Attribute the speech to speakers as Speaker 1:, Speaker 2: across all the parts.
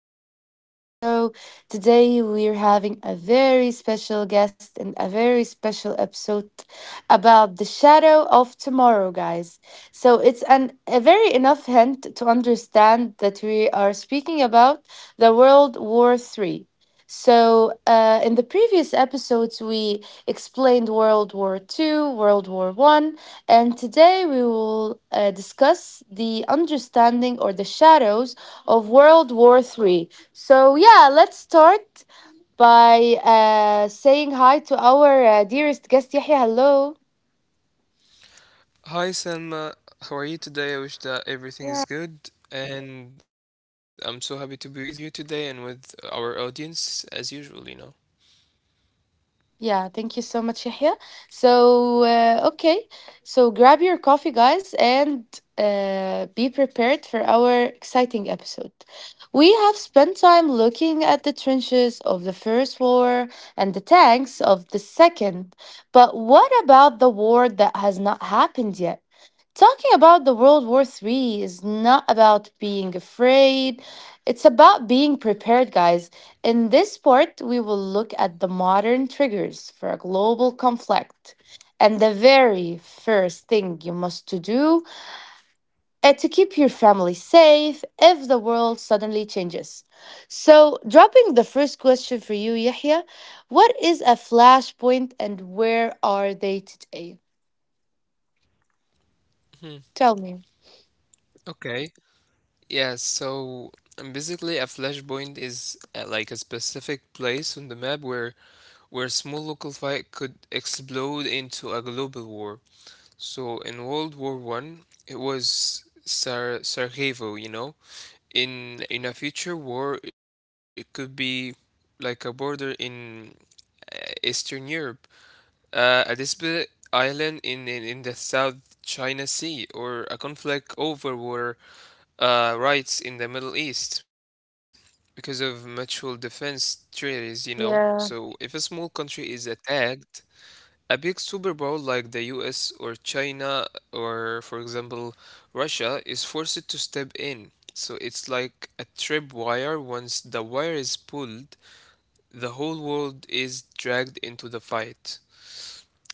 Speaker 1: podcast show. Today, we're having a very special guest and a very special episode about the shadow of tomorrow, guys. So, it's a very enough hint to understand that we are speaking about the World War Three. So, in the previous episodes, we explained World War Two, World War One. And today we will discuss the understanding or the shadows of World War Three. So, yeah, let's start by saying hi to our dearest guest, Yahya. Hello.
Speaker 2: Hi Selma, how are you today? I wish that everything is good, and I'm so happy to be with you today and with our audience as usual,
Speaker 1: Yeah, thank you so much, Yahya. So, okay, so grab your coffee, guys, and be prepared for our exciting episode. We have spent time looking at the trenches of the First War and the tanks of the Second, but what about the war that has not happened yet? Talking about the World War Three is not about being afraid. It's about being prepared, guys. In this part, we will look at the modern triggers for a global conflict. And the very first thing you must to do is to keep your family safe if the world suddenly changes. So, dropping the first question for you, Yahya, what is a flashpoint and where are they today?
Speaker 2: hmm
Speaker 1: Tell me.
Speaker 2: Okay. Yeah, so basically a flashpoint is like a specific place on the map where a small local fight could explode into a global war. So in World War One, it was Sarajevo, you know. In a future war, it could be like a border in uh, Eastern Europe, a disputed island in the South China Sea, or a conflict over water rights in the Middle East because of mutual defense treaties, you know. So if a
Speaker 1: Yeah,
Speaker 2: small country is attacked, a big superpower like the US or China or, for example, Russia is forced to step in. So it's like a tripwire. Once the wire is pulled, the whole world is dragged into the fight.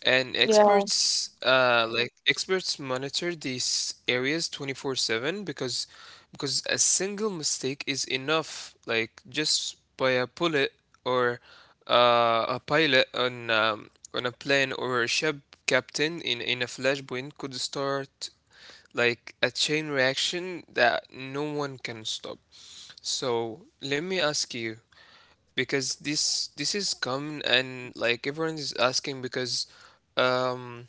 Speaker 2: And
Speaker 1: yeah,
Speaker 2: experts monitor these areas 24/7 because a single mistake is enough, like just by a bullet or a pilot on a plane or a ship captain in a flashpoint could start like a chain reaction that no one can stop. So let me ask you, because this is common and like everyone is asking because um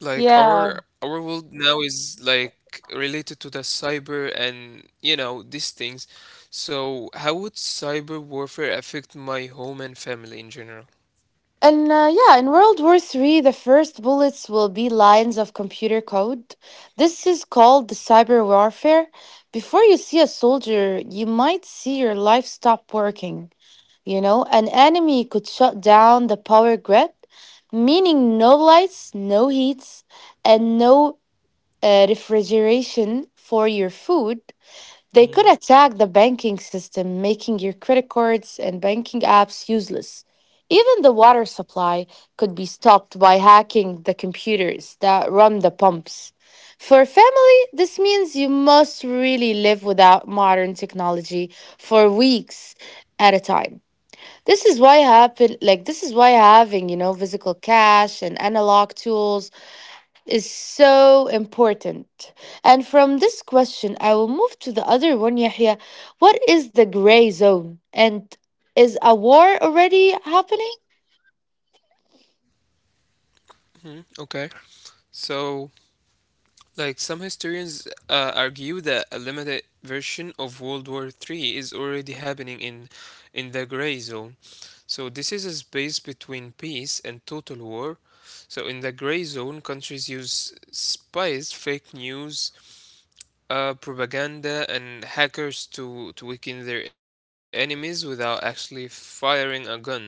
Speaker 2: like
Speaker 1: yeah.
Speaker 2: our world now is like related to the cyber and these things, so how would cyber warfare affect my home and family in general?
Speaker 1: And yeah, in World War Three, the first bullets will be lines of computer code. This is called the cyber warfare. Before you see a soldier, you might see your life stop working. You know, an enemy could shut down the power grid, meaning no lights, no heats, and no refrigeration for your food. They
Speaker 2: Mm-hmm.
Speaker 1: could attack the banking system, making your credit cards and banking apps useless. Even the water supply could be stopped by hacking the computers that run the pumps. For family, this means you must really live without modern technology for weeks at a time. This is why having, physical cash and analog tools is so important. And from this question, I will move to the other one, Yahya. What is the gray zone? And is a war already happening?
Speaker 2: Okay, so like some historians argue that a limited version of World War III is already happening in the gray zone. So this is a space between peace and total war. So in the gray zone, countries use spies, fake news, propaganda and hackers to weaken their enemies without actually firing a gun.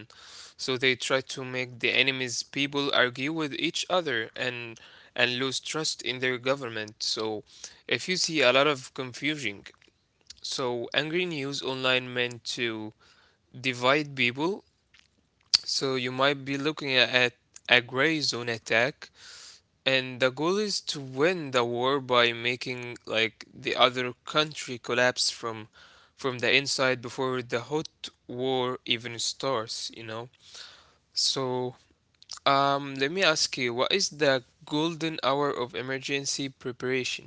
Speaker 2: So they try to make the enemy's people argue with each other and lose trust in their government. So if you see a lot of confusion, so angry news online meant to divide people. So you might be looking at a gray zone attack, and the goal is to win the war by making like the other country collapse from the inside before the hot war even starts, you know. So, let me ask you, what is the golden hour of emergency preparation?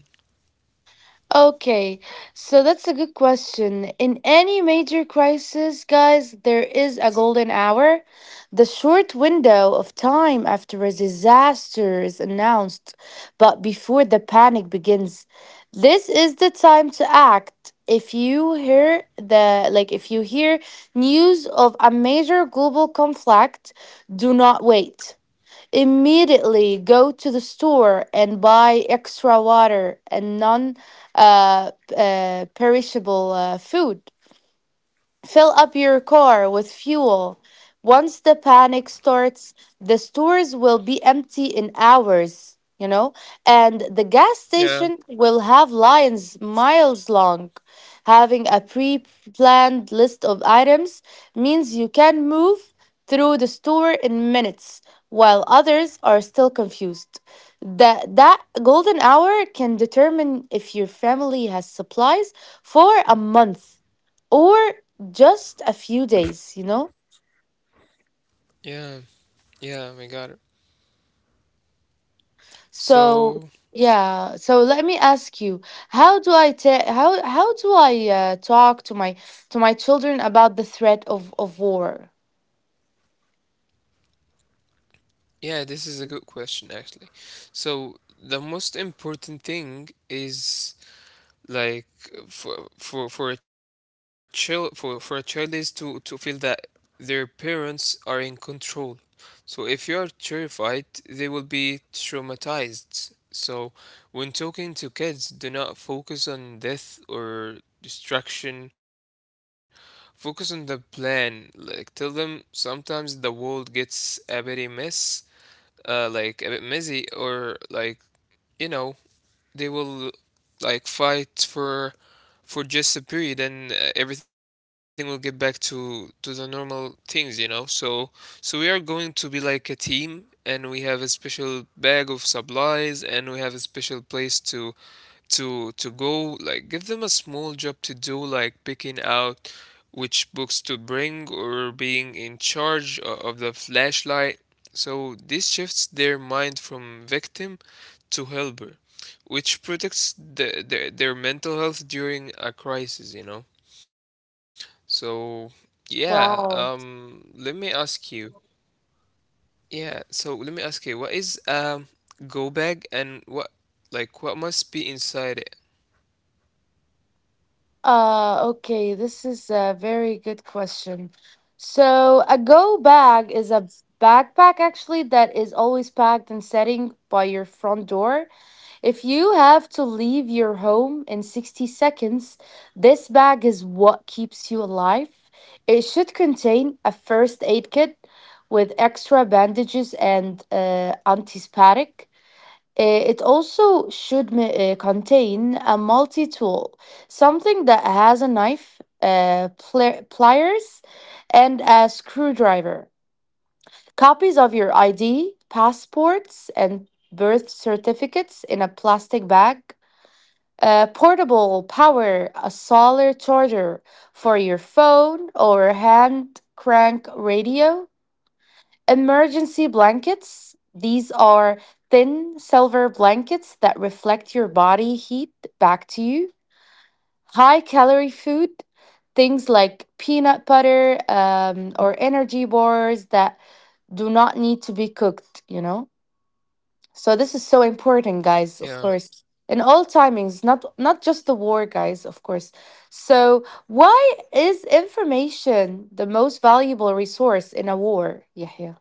Speaker 1: Okay, so that's a good question. In any major crisis, guys, there is a golden hour, the short window of time after a disaster is announced, but before the panic begins. This is the time to act. If you hear the like if you hear news of a major global conflict, do not wait, immediately go to the store and buy extra water and non perishable food. Fill up your car with fuel. Once the panic starts, the stores will be empty in hours, and the gas station
Speaker 2: Yeah,
Speaker 1: will have lines miles long. Having a pre planned list of items means you can move through the store in minutes while others are still confused. That golden hour can determine if your family has supplies for a month or just a few days.
Speaker 2: yeah, yeah, we got it.
Speaker 1: So
Speaker 2: So,
Speaker 1: yeah so let me ask you, how do I ta- how do I talk to my children about the threat of war.
Speaker 2: yeah, this is a good question actually. So, the most important thing is like for a child is to feel that their parents are in control. So if you are terrified, they will be traumatized. So when talking to kids, do not focus on death or destruction. Focus on the plan. Like tell them sometimes the world gets a bit a mess like a bit messy, or like, you know, they will like fight for just a period, and everything will get back to the normal things, you know. So so we are going to be like a team, and we have a special bag of supplies, and we have a special place to go. Like give them a small job to do, like picking out which books to bring or being in charge of the flashlight. So this shifts their mind from victim to helper, which protects their mental health during a crisis, you know? So, yeah,
Speaker 1: Wow.
Speaker 2: let me ask you. Yeah, so let me ask you, what is go bag and what like what must be inside it?
Speaker 1: Okay, this is a very good question. So a go bag is a backpack actually that is always packed and setting by your front door. If you have to leave your home in 60 seconds, this bag is what keeps you alive. It should contain a first aid kit with extra bandages and antiseptic. It also should contain a multi tool, something that has a knife, pliers, and a screwdriver. Copies of your ID, passports, and birth certificates in a plastic bag. A portable power, a solar charger for your phone or hand crank radio, emergency blankets. These are thin silver blankets that reflect your body heat back to you. High calorie food, things like peanut butter or energy bars that do not need to be cooked. So this is so important, guys, of
Speaker 2: Yeah.
Speaker 1: course. In all timings, not just the war, guys, of course. So why is information the most valuable resource in a war, Yahya?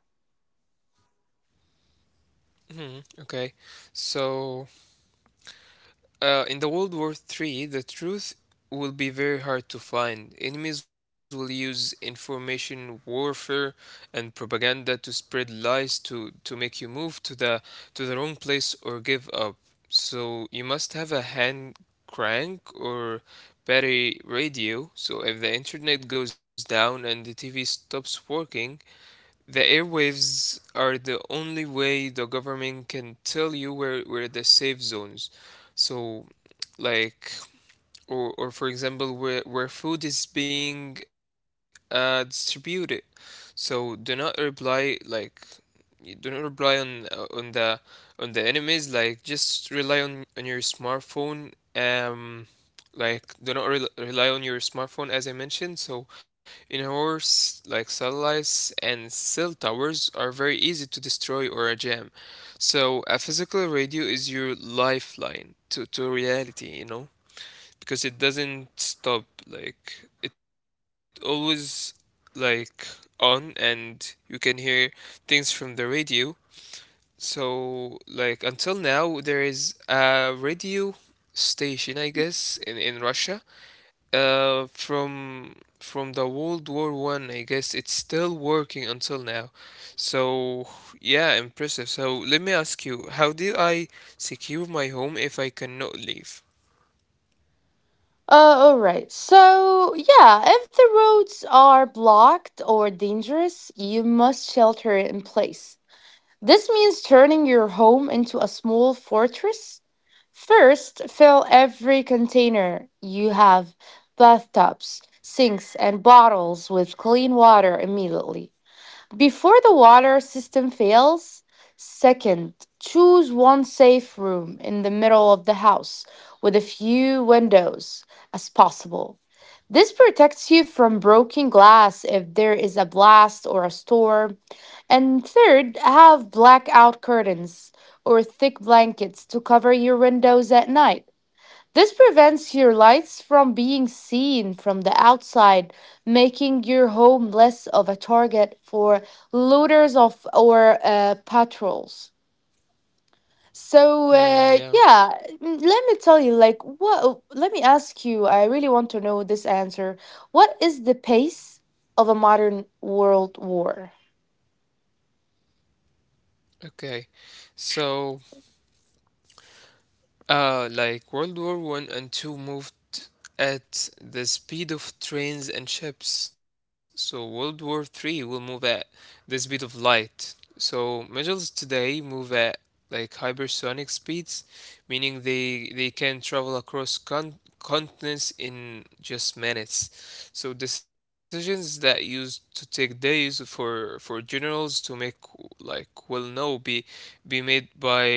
Speaker 2: Okay. So in the World War III, the truth will be very hard to find. Enemies will use information warfare and propaganda to spread lies to make you move to the wrong place or give up. So you must have a hand crank or battery radio. So if the internet goes down and the TV stops working, the airwaves are the only way the government can tell you where the safe zones. So, like, or for example, where food is being distributed. So do not rely like, you do not rely on the enemies. Like, just rely on your smartphone. Like do not rely on your smartphone as I mentioned. So indoors, like satellites and cell towers are very easy to destroy or jam. So a physical radio is your lifeline to reality, you know, because it doesn't stop. Like it always like on, and you can hear things from the radio. So like until now there is a radio station, I guess, in Russia from the World War One, I guess it's still working until now. So yeah, impressive. So let me ask you, how do I secure my home if I cannot leave?
Speaker 1: All right. So, yeah, if the roads are blocked or dangerous, you must shelter in place. This means turning your home into a small fortress. First, fill every container you have, bathtubs, sinks, and bottles with clean water immediately. Before the water system fails, second, choose one safe room in the middle of the house with a few windows as possible. This protects you from broken glass if there is a blast or a storm, and third, have blackout curtains or thick blankets to cover your windows at night. This prevents your lights from being seen from the outside, making your home less of a target for looters of or patrols. So
Speaker 2: Hmm, yeah.
Speaker 1: yeah, let me tell you, like, what? Let me ask you. I really want to know this answer. What is the pace of a modern world war?
Speaker 2: Okay. So like World War One and Two moved at the speed of trains and ships, so World War Three will move at the speed of light. So missiles today move at like hypersonic speeds, meaning they can travel across continents in just minutes. So decisions that used to take days for generals to make like will now be made by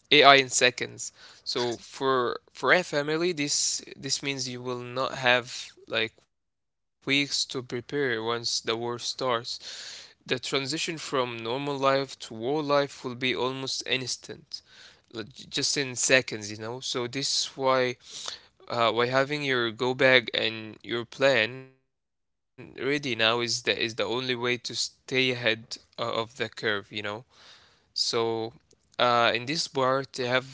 Speaker 2: AI in seconds. So for a family, this means you will not have like weeks to prepare once the war starts. The transition from normal life to war life will be almost instant, like, just in seconds, you know. So this is why having your go bag and your plan ready now is the only way to stay ahead of the curve, you know. So, in this part, they have like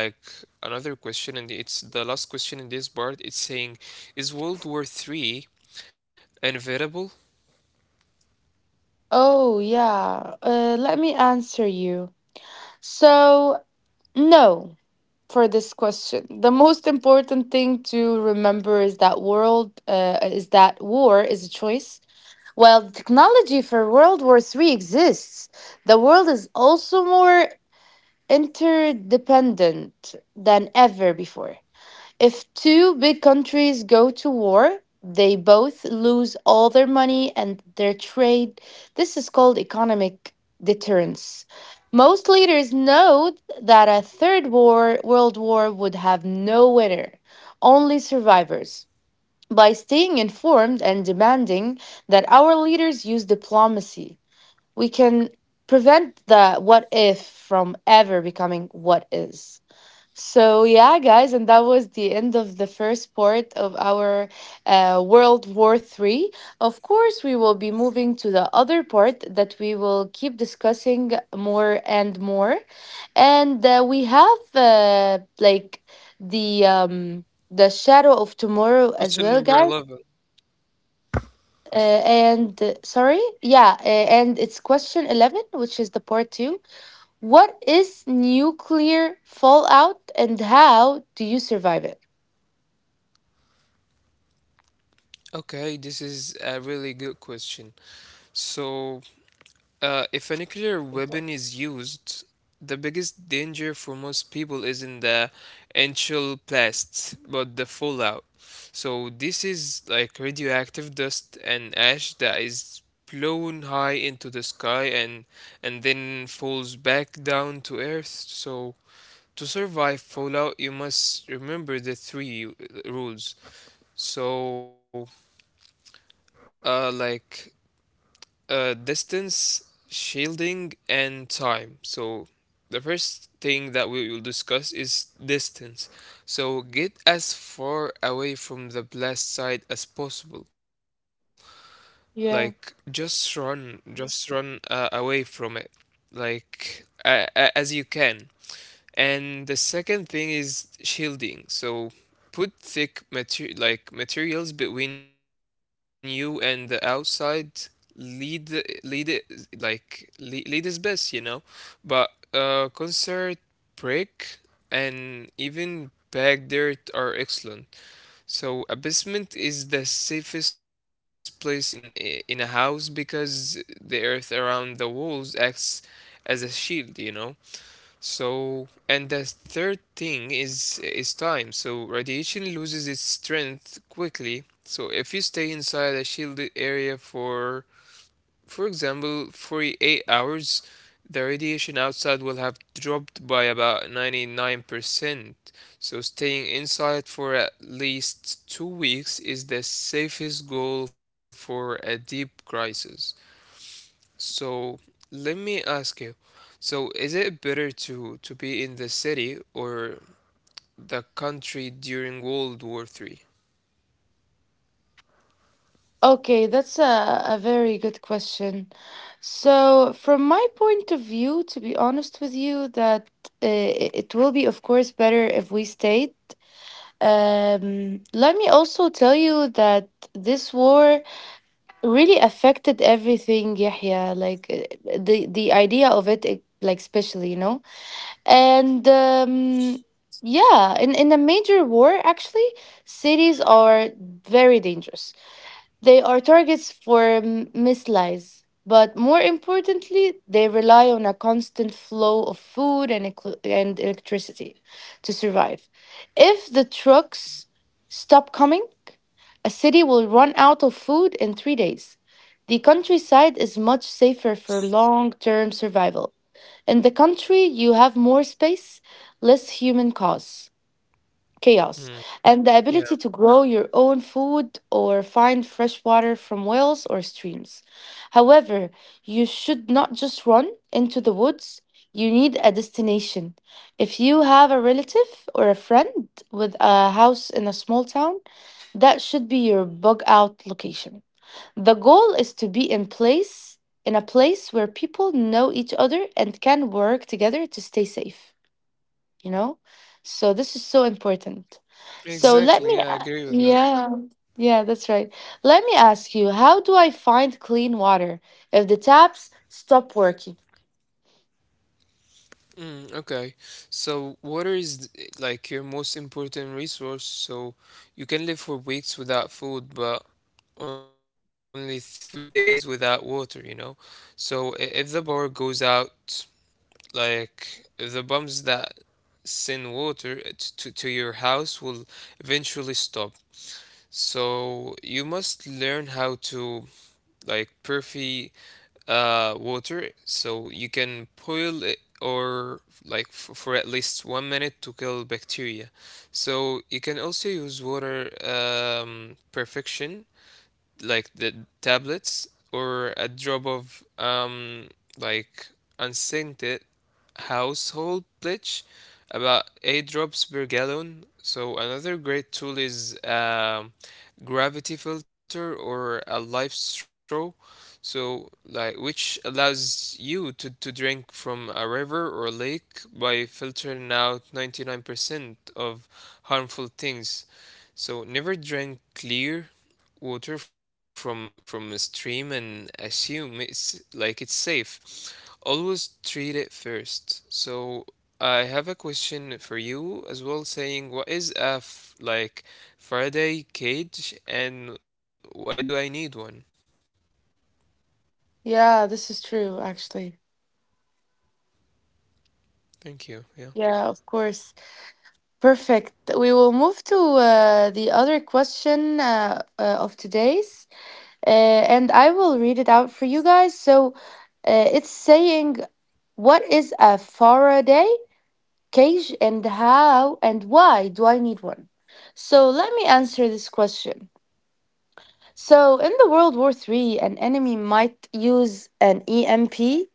Speaker 2: another question, and it's the last question in this part. It's saying, "Is World War Three inevitable?"
Speaker 1: Oh, yeah. Let me answer you. So, no, for this question. The most important thing to remember is that war is a choice. While the technology for World War Three exists, the world is also more interdependent than ever before. If two big countries go to war, they both lose all their money and their trade. This is called economic deterrence. Most leaders know that a world war would have no winner, only survivors. By staying informed and demanding that our leaders use diplomacy, we can prevent the what if from ever becoming what is. So yeah, guys, and that was the end of the first part of our World War Three. Of course, we will be moving to the other part that we will keep discussing more and more, and we have the Shadow of Tomorrow as
Speaker 2: Question
Speaker 1: well,
Speaker 2: number
Speaker 1: guys.
Speaker 2: 11.
Speaker 1: And sorry, yeah, and it's question 11, which is the part two. What is nuclear fallout and how do you survive it?
Speaker 2: Okay, this is a really good question. So if a nuclear weapon is used, the biggest danger for most people isn't the actual blast, but the fallout. So this is like radioactive dust and ash that is blown high into the sky and then falls back down to earth. So to survive fallout, you must remember the three rules. So, like distance, shielding, and time. So, the first thing that we will discuss is distance. So, get as far away from the blast site as possible. Like,
Speaker 1: Yeah.
Speaker 2: just run away from it, like, as you can. And the second thing is shielding. So put thick materials between you and the outside. Lead the- lead it like lead, lead is best, you know. But concert brick and even bag dirt are excellent. So a basement is the safest place in a house because the earth around the walls acts as a shield, you know. So, and the third thing is time. So radiation loses its strength quickly. So if you stay inside a shielded area for example, 48 hours, the radiation outside will have dropped by about 99%. So staying inside for at least 2 weeks is the safest goal for a deep crisis. So let me ask you. So is it better to be in the city or the country during World War Three?
Speaker 1: Okay, that's a very good question. So, from my point of view, to be honest with you, that it will be, of course, better if we stayed. Let me also tell you that this war really affected everything, Yahya, like the idea of it, like especially, you know. And yeah, in a major war, actually, cities are very dangerous. They are targets for mislies, but more importantly, they rely on a constant flow of food and, and electricity to survive. If the trucks stop coming, a city will run out of food in 3 days. The countryside is much safer for long term survival. In the country, you have more space, less human costs, chaos, and the
Speaker 2: Mm,
Speaker 1: ability to grow
Speaker 2: yeah,
Speaker 1: your own food or find fresh water from wells or streams. However, you should not just run into the woods. You need a destination. If you have a relative or a friend with a house in a small town, that should be your bug out location. The goal is to be in a place where people know each other and can work together to stay safe, you know, so this is so important. So let
Speaker 2: exactly.
Speaker 1: me
Speaker 2: Yeah, I
Speaker 1: a-
Speaker 2: agree with that.
Speaker 1: yeah yeah that's right Let me ask you, how do I find clean water if the taps stop working.
Speaker 2: Mm, okay. So water is like your most important resource. So you can live for weeks without food, but only 3 days without water, you know? So if the power goes out, like the pumps that send water to your house will eventually stop. So you must learn how to like purify water so you can boil it or like for at least 1 minute to kill bacteria. So you can also use water perfection like the tablets or a drop of like unscented household bleach, about 8 drops per gallon. So another great tool is gravity filter or a life straw. So like which allows you to drink from a river or lake by filtering out 99% of harmful things. So never drink clear water from a stream and assume it's like it's safe. Always treat it first. So I have a question for you as well, saying what is a Faraday cage and why do I need one?
Speaker 1: Yeah, this is true actually.
Speaker 2: Thank you. Yeah.
Speaker 1: Yeah, of course, perfect. We will move to the other question of today's, and I will read it out for you guys. So it's saying, what is a Faraday cage and how and why do I need one? So let me answer this question. So in the World War III, an enemy might use an EMP.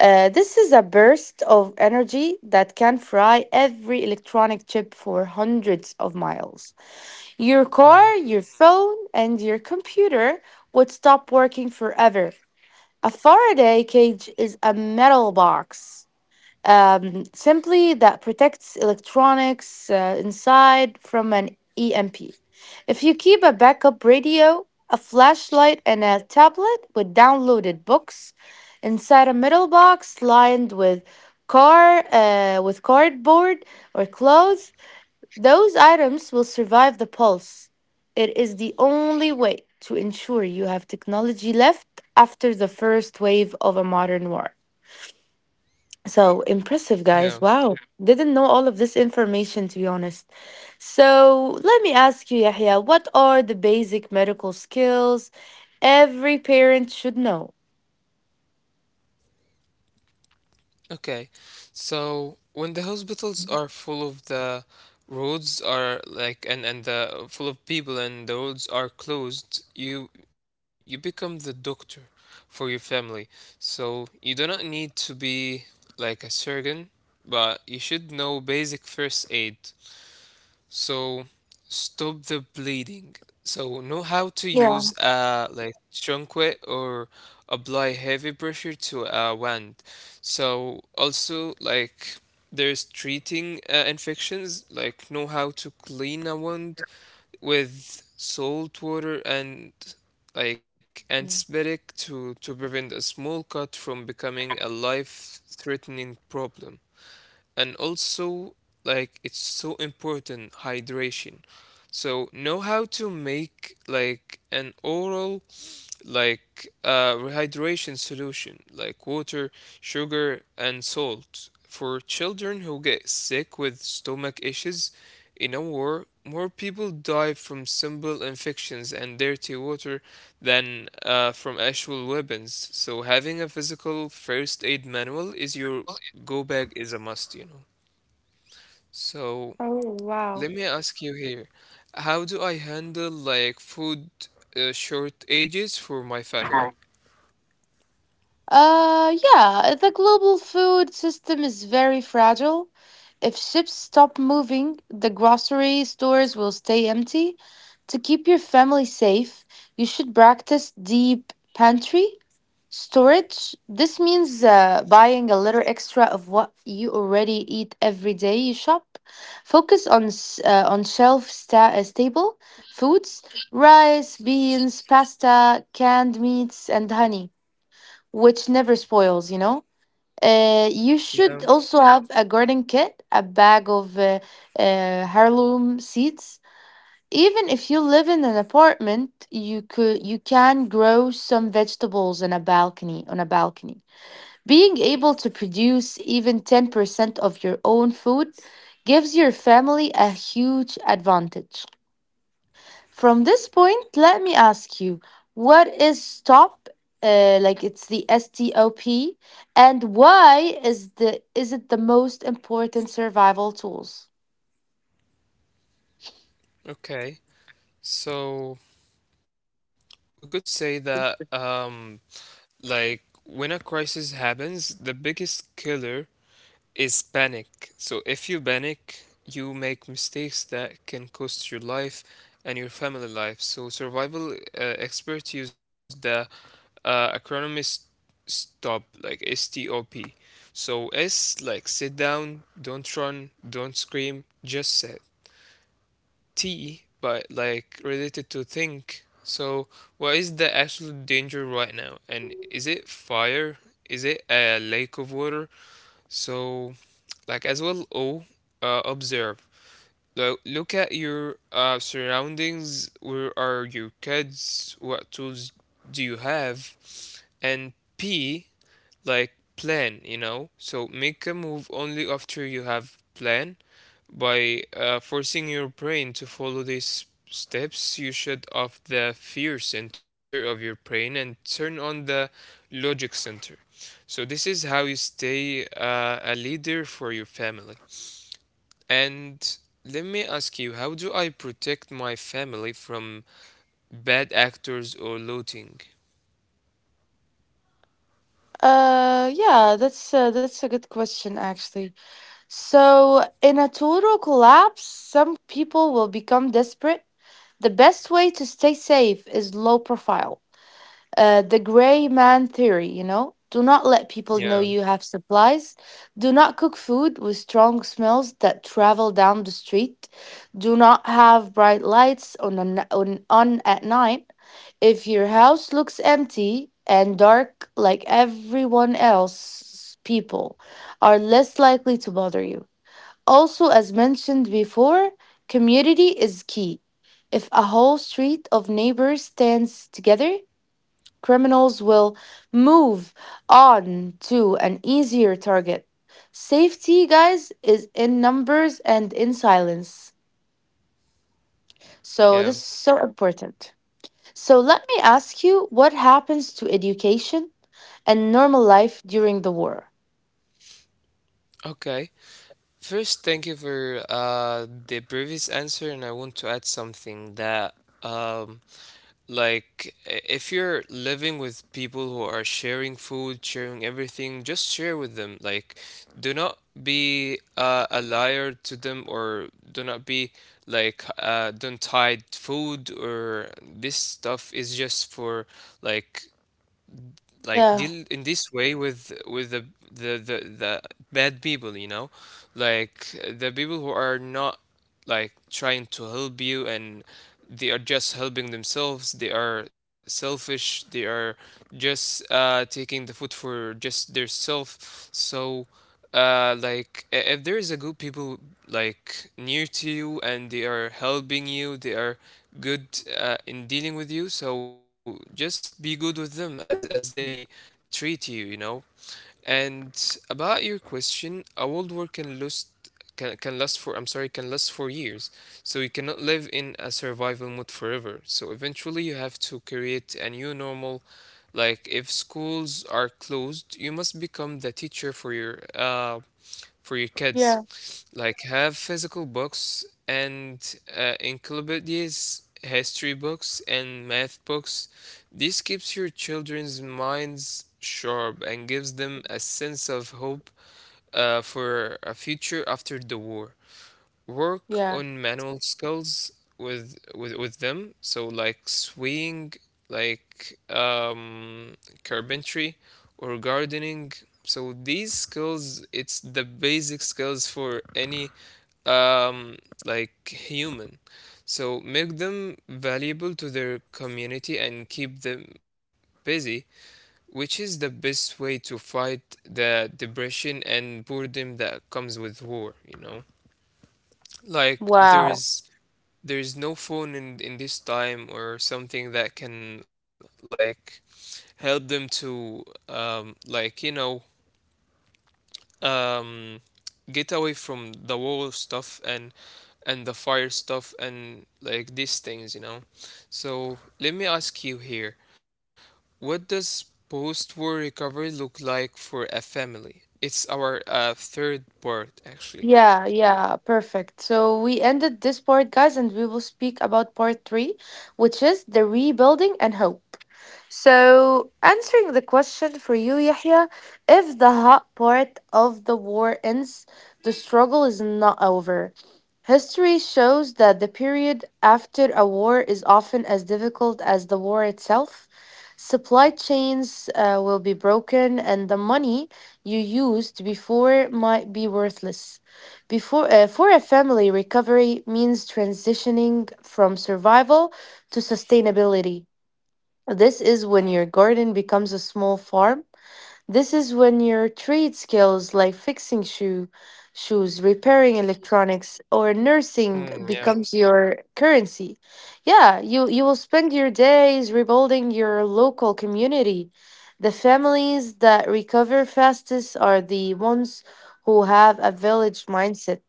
Speaker 1: This is a burst of energy that can fry every electronic chip for hundreds of miles. Your car,
Speaker 2: Mhm.
Speaker 1: your phone, and your computer would stop working forever. A Faraday cage is a metal box simply that protects electronics inside from an EMP. If you keep a backup radio, a flashlight, and a tablet with downloaded books inside a metal box lined with cardboard or clothes, those items will survive the pulse. It is the only way to ensure you have technology left after the first wave of a modern war. So impressive, guys.
Speaker 2: Yeah.
Speaker 1: Wow. Didn't know all of this information, to be honest. So let me ask you, Yahya, what are the basic medical skills every parent should know?
Speaker 2: Okay, so when the hospitals are full of the roads are like and the full of people and the roads are closed, you become the doctor for your family. So you do not need to be like a surgeon, but you should know basic first aid, so stop the bleeding. So know how to
Speaker 1: Yeah.
Speaker 2: use a like trunquet or apply heavy pressure to a wound. So also, there's treating infections. Like, know how to clean a wound with salt water and like antibiotic to prevent a small cut from becoming a life threatening problem. And also, like, it's so important, hydration. So know how to make like an oral like rehydration solution, like water, sugar and salt, for children who get sick with stomach issues. In a war, more people die from simple infections and dirty water than from actual weapons. So having a physical first aid manual is your go bag is a must, you know. So
Speaker 1: Oh, wow.
Speaker 2: let me ask you here, how do I handle like food shortages for my family?
Speaker 1: Yeah, the global food system is very fragile. If ships stop moving, the grocery stores will stay empty. To keep your family safe, you should practice deep pantry storage. This means buying a little extra of what you already eat every day you shop. Focus on on shelf stable foods: rice, beans, pasta, canned meats, and honey which never spoils, you know. You should
Speaker 2: Yeah.
Speaker 1: also have a garden kit, a bag of heirloom seeds. Even if you live in an apartment, you can grow some vegetables in a balcony on a balcony. Being able to produce even 10% of your own food gives your family a huge advantage. From this point, let me ask you, what is stop? Like it's the STOP, and why is the is it the most important survival tools?
Speaker 2: Okay. So we could say that like when a crisis happens, the biggest killer is panic. So if you panic, you make mistakes that can cost your life and your family life. So survival experts use the acronym is STOP, like STOP. So S like sit down, don't run, don't scream, just sit. T but like related to think. So what is the absolute danger right now? And is it fire? Is it a lake of water? So like as well, observe. Look at your surroundings. Where are your kids? What tools do you have? And p like plan, you know. So make a move only after you have plan. By forcing your brain to follow these steps, you shut off the fear center of your brain and turn on the logic center. So this is how you stay a leader for your family. And let me ask you, how do I protect my family from bad actors or looting?
Speaker 1: Yeah, that's a good question actually. So, in a total collapse, some people will become desperate. The best way to stay safe is low profile. The gray man theory, you know? Do not let people know
Speaker 2: Yeah,
Speaker 1: you have supplies. Do not cook food with strong smells that travel down the street. Do not have bright lights on at night. If your house looks empty and dark like everyone else's, people are less likely to bother you. Also, as mentioned before, community is key. If a whole street of neighbors stands together, criminals will move on to an easier target. Safety, guys, is in numbers and in silence. So,
Speaker 2: yeah.
Speaker 1: this is so important. So, let me ask you, what happens to education and normal life during the war?
Speaker 2: Okay. First, thank you for the previous answer, and I want to add something that um like, if you're living with people who are sharing food, sharing everything, just share with them. Like, do not be a liar to them, or do not be like, don't hide food, or this stuff is just for like, like,
Speaker 1: Yeah,
Speaker 2: deal in this way with with the bad people, you know, like the people who are not like trying to help you, and they are just helping themselves. They are selfish. They are just taking the food for just their self. So like, if there is a good people like near to you and they are helping you, they are good in dealing with you. So just be good with them as they treat you, you know. And about your question, a world war can lose can last for I'm sorry can last for years. So you cannot live in a survival mode forever. So eventually you have to create a new normal. Like if schools are closed, you must become the teacher for your kids.
Speaker 1: yeah,
Speaker 2: Like have physical books and encyclopedias, history books and math books. This keeps your children's minds sharp and gives them a sense of hope for a future after the war. Work
Speaker 1: yeah.
Speaker 2: on manual skills with them. So like sewing, like carpentry, or gardening. So these skills, it's the basic skills for any um, like human. So make them valuable to their community and keep them busy, which is the best way to fight the depression and boredom that comes with war, you know? Like
Speaker 1: Wow.
Speaker 2: there is no phone in this time or something that can like help them to um get away from the war stuff and the fire stuff and like these things, you know? So let me ask you here. What does post war recovery look like for a family? It's our third part, actually.
Speaker 1: Yeah, yeah, perfect. So we ended this part, guys, and we will speak about part three, which is the rebuilding and hope. So, answering the question for you, Yahya, if the hot part of the war ends, the struggle is not over. History shows that the period after a war is often as difficult as the war itself. Supply chains will be broken, and the money you used before might be worthless. Before, for a family, recovery means transitioning from survival to sustainability. This is when your garden becomes a small farm. This is when your trade skills like fixing shoes, repairing electronics or nursing
Speaker 2: Hmm, yeah.
Speaker 1: becomes your currency. Yeah, you will spend your days rebuilding your local community. The families that recover fastest are the ones who have a village mindset.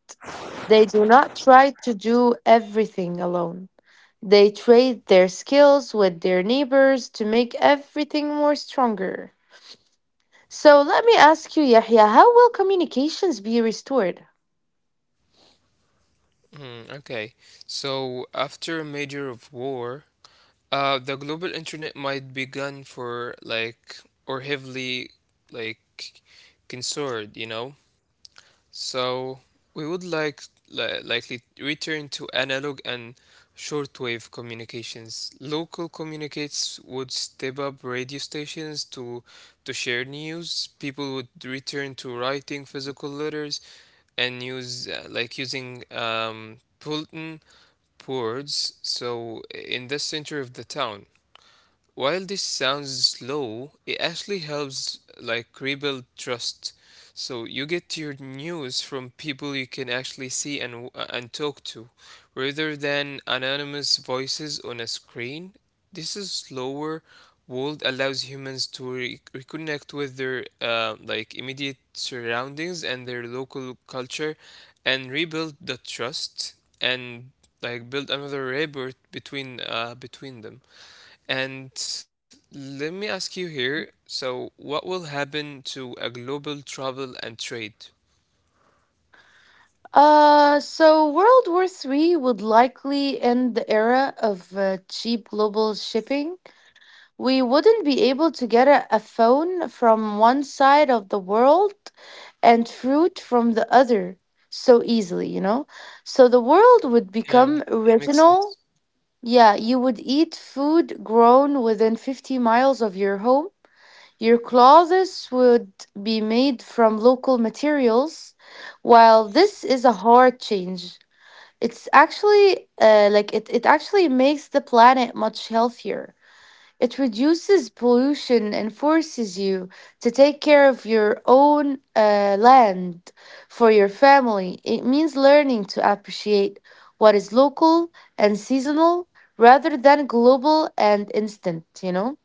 Speaker 1: They do not try to do everything alone. They trade their skills with their neighbors to make everything more stronger. So let me ask you, Yahya, how will communications be restored?
Speaker 2: Hmm, okay. So after a major of war, the global internet might be gone for like or heavily like censored, you know. So we would like likely return to analog and shortwave communications. Local communicates would step up radio stations to share news. People would return to writing physical letters and use like using Pulton boards. So in the center of the town, while this sounds slow, it actually helps like rebuild trust. So you get your news from people you can actually see and and talk to, rather than anonymous voices on a screen. This is slower world allows humans to reconnect with their like immediate surroundings and their local culture, and rebuild the trust and like build another rapport between between them. And let me ask you here, so what will happen to a global travel and trade?
Speaker 1: So World War Three would likely end the era of cheap global shipping. We wouldn't be able to get a phone from one side of the world and fruit from the other so easily, you know? So the world would
Speaker 2: Yeah,
Speaker 1: become
Speaker 2: makes
Speaker 1: regional.
Speaker 2: sense.
Speaker 1: Yeah, you would eat food grown within 50 miles of your home. Your clothes would be made from local materials. While this is a hard change, it's actually it actually makes the planet much healthier. It reduces pollution and forces you to take care of your own land for your family. It means learning to appreciate what is local and seasonal rather than global and instant, you know?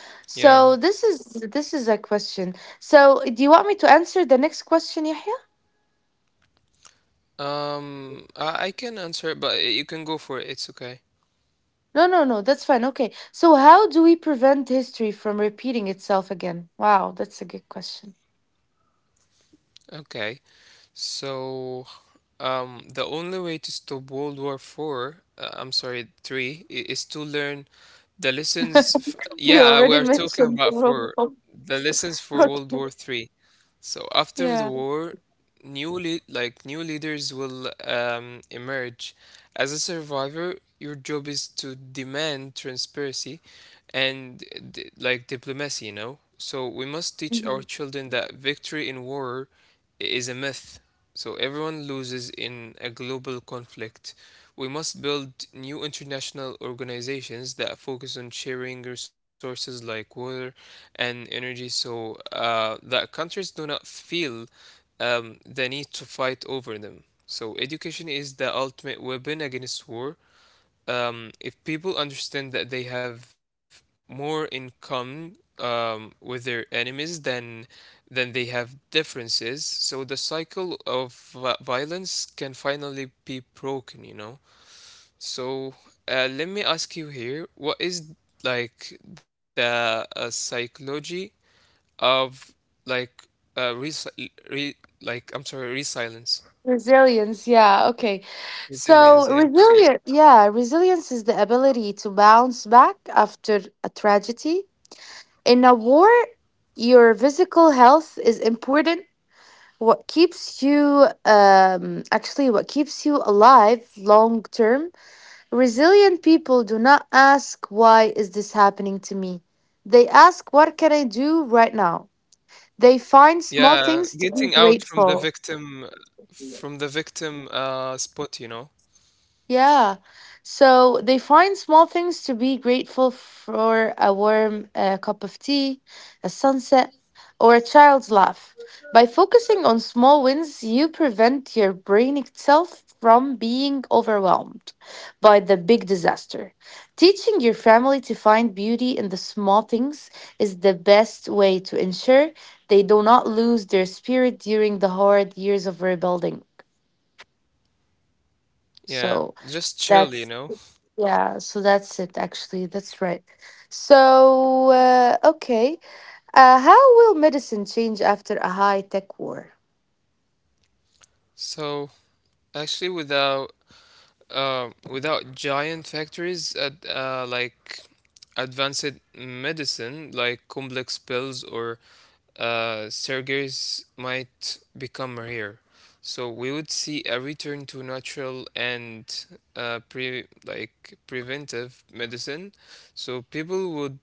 Speaker 2: Yeah.
Speaker 1: So this is a question. So do you want me to answer the next question, Yahya?
Speaker 2: I can answer it, but you can go for it. It's okay.
Speaker 1: No, no, no. That's fine. Okay. So how do we prevent history from repeating itself again? Wow, that's a good question.
Speaker 2: Okay. So, the only way to stop World War Four, I'm sorry, three, is to learn the lessons. F
Speaker 1: You
Speaker 2: yeah, we
Speaker 1: already
Speaker 2: are talking
Speaker 1: mentioned
Speaker 2: about
Speaker 1: Rome.
Speaker 2: for the lessons for World
Speaker 1: Okay.
Speaker 2: War Three. So after the
Speaker 1: Yeah.
Speaker 2: war, new like new leaders will emerge. As a survivor, your job is to demand transparency and like diplomacy, you know? So we must teach our
Speaker 1: Mhm.
Speaker 2: children that victory in war is a myth. So everyone loses in a global conflict. We must build new international organizations that focus on sharing resources like water and energy so that countries do not feel the need to fight over them. So, education is the ultimate weapon against war. If people understand that they have more in common with their enemies than they have differences, so the cycle of violence can finally be broken. You know. So, let me ask you here: what is like the psychology of like res re like I'm sorry, resilience,
Speaker 1: Resilience, yeah, okay.
Speaker 2: resilience.
Speaker 1: So,
Speaker 2: Yeah,
Speaker 1: resilience. Yeah, resilience is the ability to bounce back after a tragedy. In a war, your physical health is important. What keeps you alive long term. Resilient people do not ask why is this happening to me. They ask what can I do right now. They find small
Speaker 2: yeah,
Speaker 1: things to be
Speaker 2: getting out from the
Speaker 1: grateful.
Speaker 2: victim, from the victim spot. You know,
Speaker 1: Yeah. So they find small things to be grateful for: a warm cup of tea, a sunset, or a child's laugh. By focusing on small wins, you prevent your brain itself from being overwhelmed by the big disaster. Teaching your family to find beauty in the small things is the best way to ensure they do not lose their spirit during the hard years of rebuilding.
Speaker 2: yeah,
Speaker 1: So
Speaker 2: just chill. You
Speaker 1: that's
Speaker 2: know.
Speaker 1: yeah, so that's it actually. That's right. So, okay. How will medicine change after a high-tech war?
Speaker 2: So actually, without without giant factories at like advanced medicine like complex pills or surgeries might become rare. So we would see a return to natural and pre like preventive medicine. So people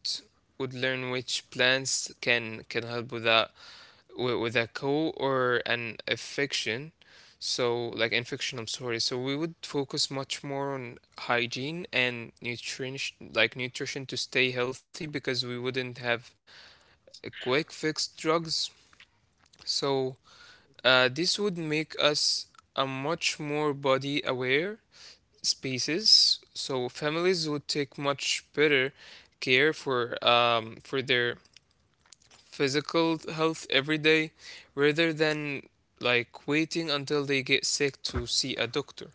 Speaker 2: would learn which plants can help with that, with a co or an infection. So, like infection, I'm sorry. So we would focus much more on hygiene and nutrition, like nutrition to stay healthy, because we wouldn't have a quick fix drugs. So this would make us a much more body aware species. So families would take much better care for their physical health every day rather than like waiting until they get sick to see a doctor.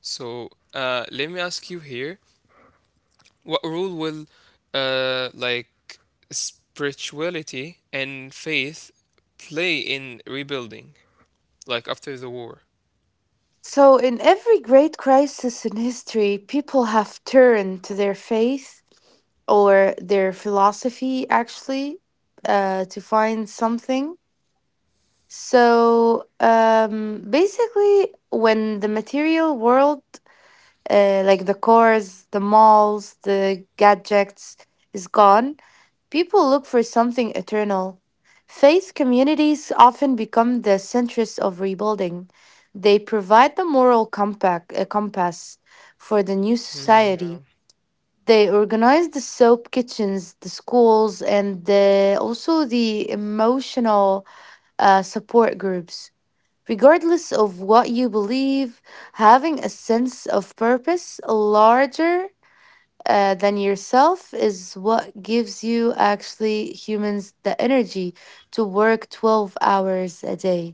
Speaker 2: So let me ask you here, what role will like spirituality and faith play in rebuilding like after the war?
Speaker 1: So, in every great crisis in history, people have turned to their faith or their philosophy actually to find something. So, basically, when the material world, like the cars, the malls, the gadgets, is gone, people look for something eternal. Faith communities often become the centers of rebuilding. They provide the moral compass for the new
Speaker 2: Hmm.
Speaker 1: society. They organize the soap kitchens, the schools, and also the emotional support groups. Regardless of what you believe, having a sense of purpose larger than yourself is what gives you actually humans the energy to work 12 hours a day.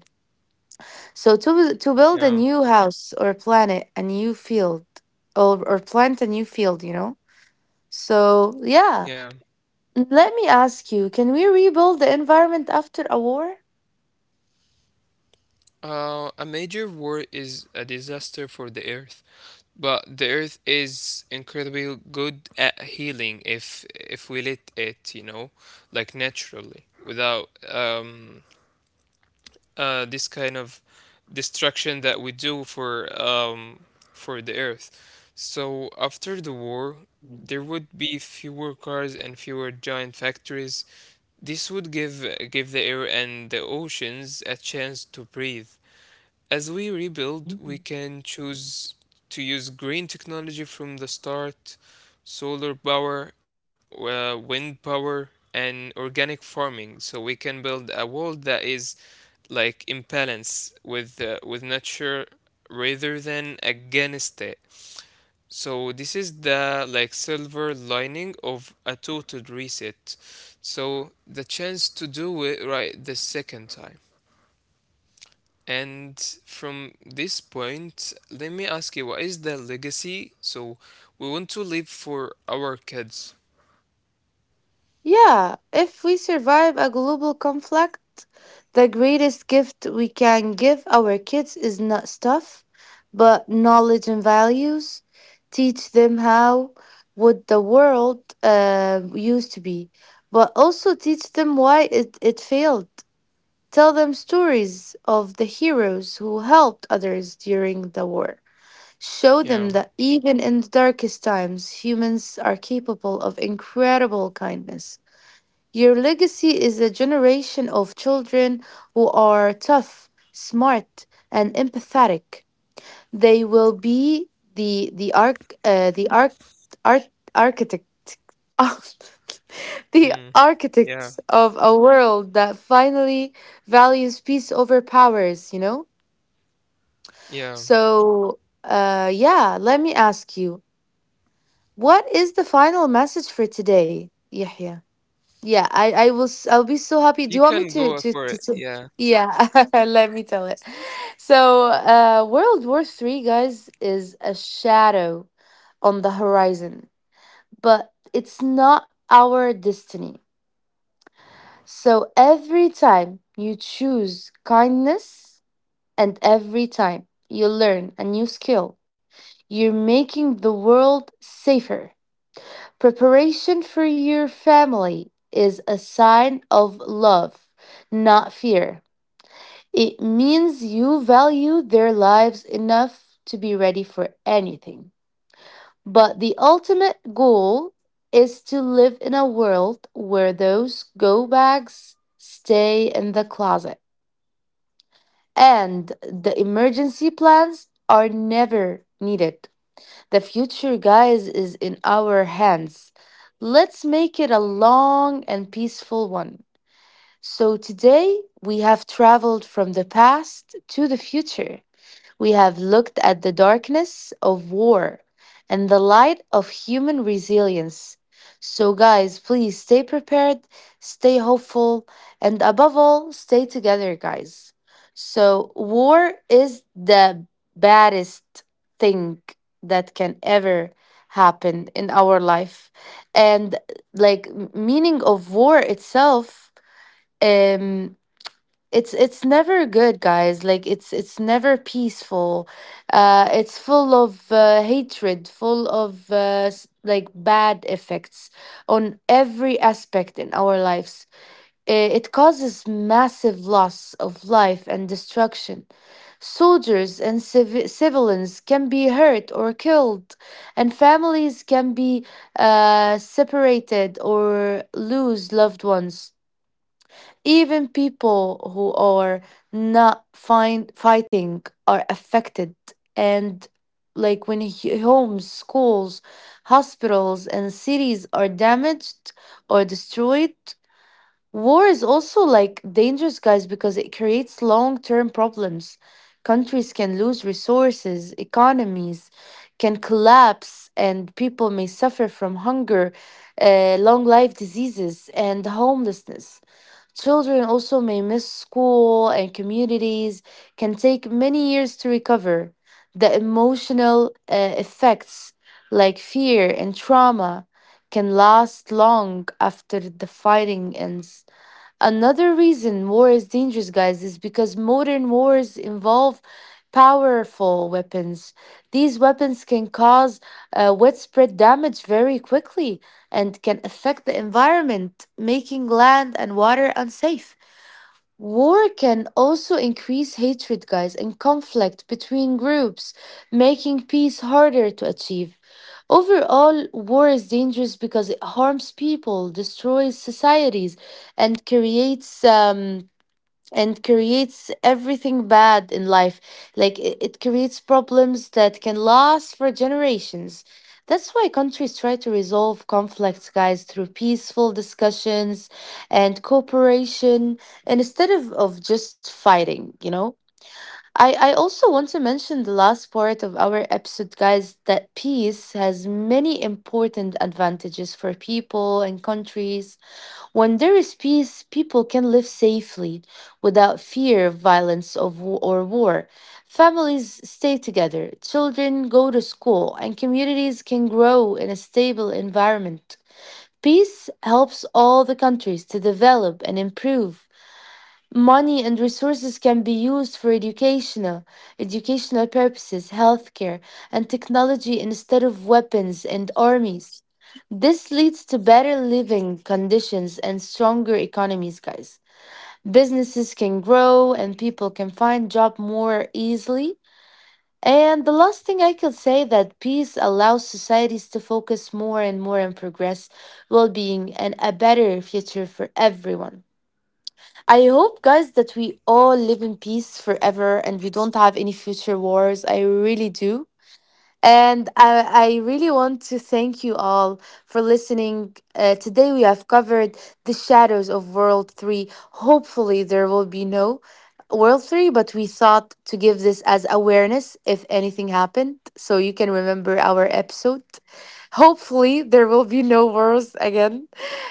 Speaker 1: So, to build a
Speaker 2: Yeah.
Speaker 1: new house or planet, a new field, or plant a new field, you know? So,
Speaker 2: Yeah.
Speaker 1: yeah. Let me ask you, can we rebuild the environment after a war?
Speaker 2: A major war is a disaster for the Earth, but the Earth is incredibly good at healing if we let it, you know, like naturally, without this kind of destruction that we do um for the Earth. So after the war, there would be fewer cars and fewer giant factories. This would give the air and the oceans a chance to breathe. As we rebuild, we can choose to use green technology from the start, solar power, wind power, and organic farming. So we can build a world that is like in balance with nature rather than against it. So this is the like silver lining of a total reset. So the chance to do it right the second time. And from this point, let me ask you, what is the legacy? So we want to leave for our kids.
Speaker 1: Yeah, if we survive a global conflict, the greatest gift we can give our kids is not stuff, but knowledge and values. Teach them how would the world used to be, but also teach them why it failed. Tell them stories of the heroes who helped others during the war. Show them
Speaker 2: Yeah.
Speaker 1: that even in the darkest times, humans are capable of incredible kindness. Your legacy is a generation of children who are tough, smart, and empathetic. They will be the art architect.
Speaker 2: Mm.
Speaker 1: The
Speaker 2: Yeah.
Speaker 1: architects of a world that finally values peace over powers, you know?
Speaker 2: Yeah.
Speaker 1: So, yeah, let me ask you, what is the final message for today, Yahya? Yeah, I'll be so
Speaker 2: You
Speaker 1: happy. Do you
Speaker 2: can
Speaker 1: want me
Speaker 2: go
Speaker 1: to
Speaker 2: for
Speaker 1: to,
Speaker 2: it.
Speaker 1: to, to
Speaker 2: Yeah.
Speaker 1: yeah, let me tell it. So, uh, World War 3, guys, is a shadow on the horizon, but it's not our destiny. So every time you choose kindness and every time you learn a new skill, you're making the world safer. Preparation for your family is a sign of love, not fear. It means you value their lives enough to be ready for anything. But the ultimate goal is to live in a world where those go bags stay in the closet and the emergency plans are never needed. The future, guys, is in our hands. Let's make it a long and peaceful one. So, today we have traveled from the past to the future. We have looked at the darkness of war and the light of human resilience. So, guys, please stay prepared, stay hopeful, and above all, stay together, guys. So, war is the baddest thing that can ever happen in our life. And, like, meaning of war itself. Um, it's never good, guys. Like, it's never peaceful. Uh, it's full of hatred, full of bad effects on every aspect in our lives. It causes massive loss of life and destruction. Soldiers and civilians can be hurt or killed, and families can be separated or lose loved ones. Even people who are not fighting are affected. And like when homes, schools, hospitals, and cities are damaged or destroyed. War is also like dangerous, guys, because it creates long term problems. Countries can lose resources, economies can collapse, and people may suffer from hunger, long life diseases, and homelessness. Children also may miss school, and communities can take many years to recover. The emotional effects, like fear and trauma, can last long after the fighting ends. Another reason war is dangerous, guys, is because modern wars involve powerful weapons. These weapons can cause widespread damage very quickly and can affect the environment, making land and water unsafe. War can also increase hatred, guys, and conflict between groups, making peace harder to achieve. Overall, war is dangerous because it harms people, destroys societies, and creates everything bad in life. Like it creates problems that can last for generations. That's why countries try to resolve conflicts, guys, through peaceful discussions and cooperation, and instead of just fighting, you know? I also want to mention the last part of our episode, guys, that peace has many important advantages for people and countries. When there is peace, people can live safely without fear of violence or war. Families stay together, children go to school, and communities can grow in a stable environment. Peace helps all the countries to develop and improve. Money and resources can be used for educational purposes, healthcare, and technology instead of weapons and armies. This leads to better living conditions and stronger economies, guys. Businesses can grow, and people can find job more easily. And the last thing I could say that peace allows societies to focus more and more on progress, well-being, and a better future for everyone. I hope, guys, that we all live in peace forever and we don't have any future wars. I really do. And I really want to thank you all for listening. Today we have covered the shadows of World 3. Hopefully, there will be no World 3, but we thought to give this as awareness if anything happened so you can remember our episode. Hopefully, there will be no wars again.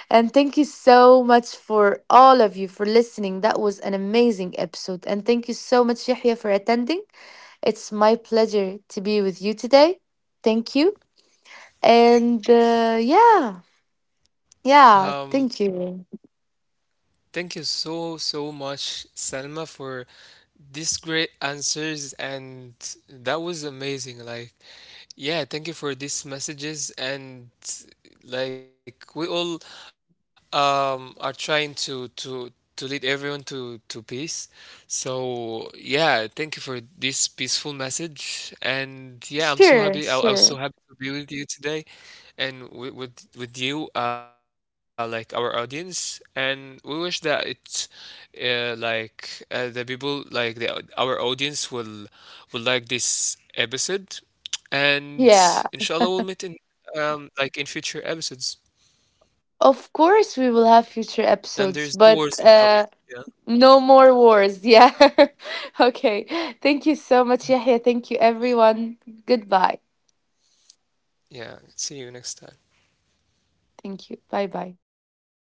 Speaker 1: And thank you so much for all of you for listening. That was an amazing episode. And thank you so much, Yahya, for attending. It's my pleasure to be with you today. Thank you. And yeah,
Speaker 2: Um,
Speaker 1: thank you.
Speaker 2: thank you so, so much, Salma, for these great answers. And that was amazing. Like, yeah, thank you for these messages. And like, we all are trying to, to lead everyone to peace. So, yeah, thank you for this peaceful message. And
Speaker 1: Sure,
Speaker 2: yeah, I'm so
Speaker 1: sure.
Speaker 2: happy. I was so happy to be with you today and with, with you, like our audience. And we wish that it the people like the our audience will like this episode
Speaker 1: Yeah.
Speaker 2: and inshallah we'll meet in like in future episodes,
Speaker 1: Of course, we will have future
Speaker 2: and there's no
Speaker 1: episodes,
Speaker 2: words
Speaker 1: but
Speaker 2: inshallah, yeah,
Speaker 1: no more wars. Yeah. Okay. Thank you so much, Yahya. Thank you, everyone. Goodbye.
Speaker 2: yeah, see you next time.
Speaker 1: Thank you. Bye bye.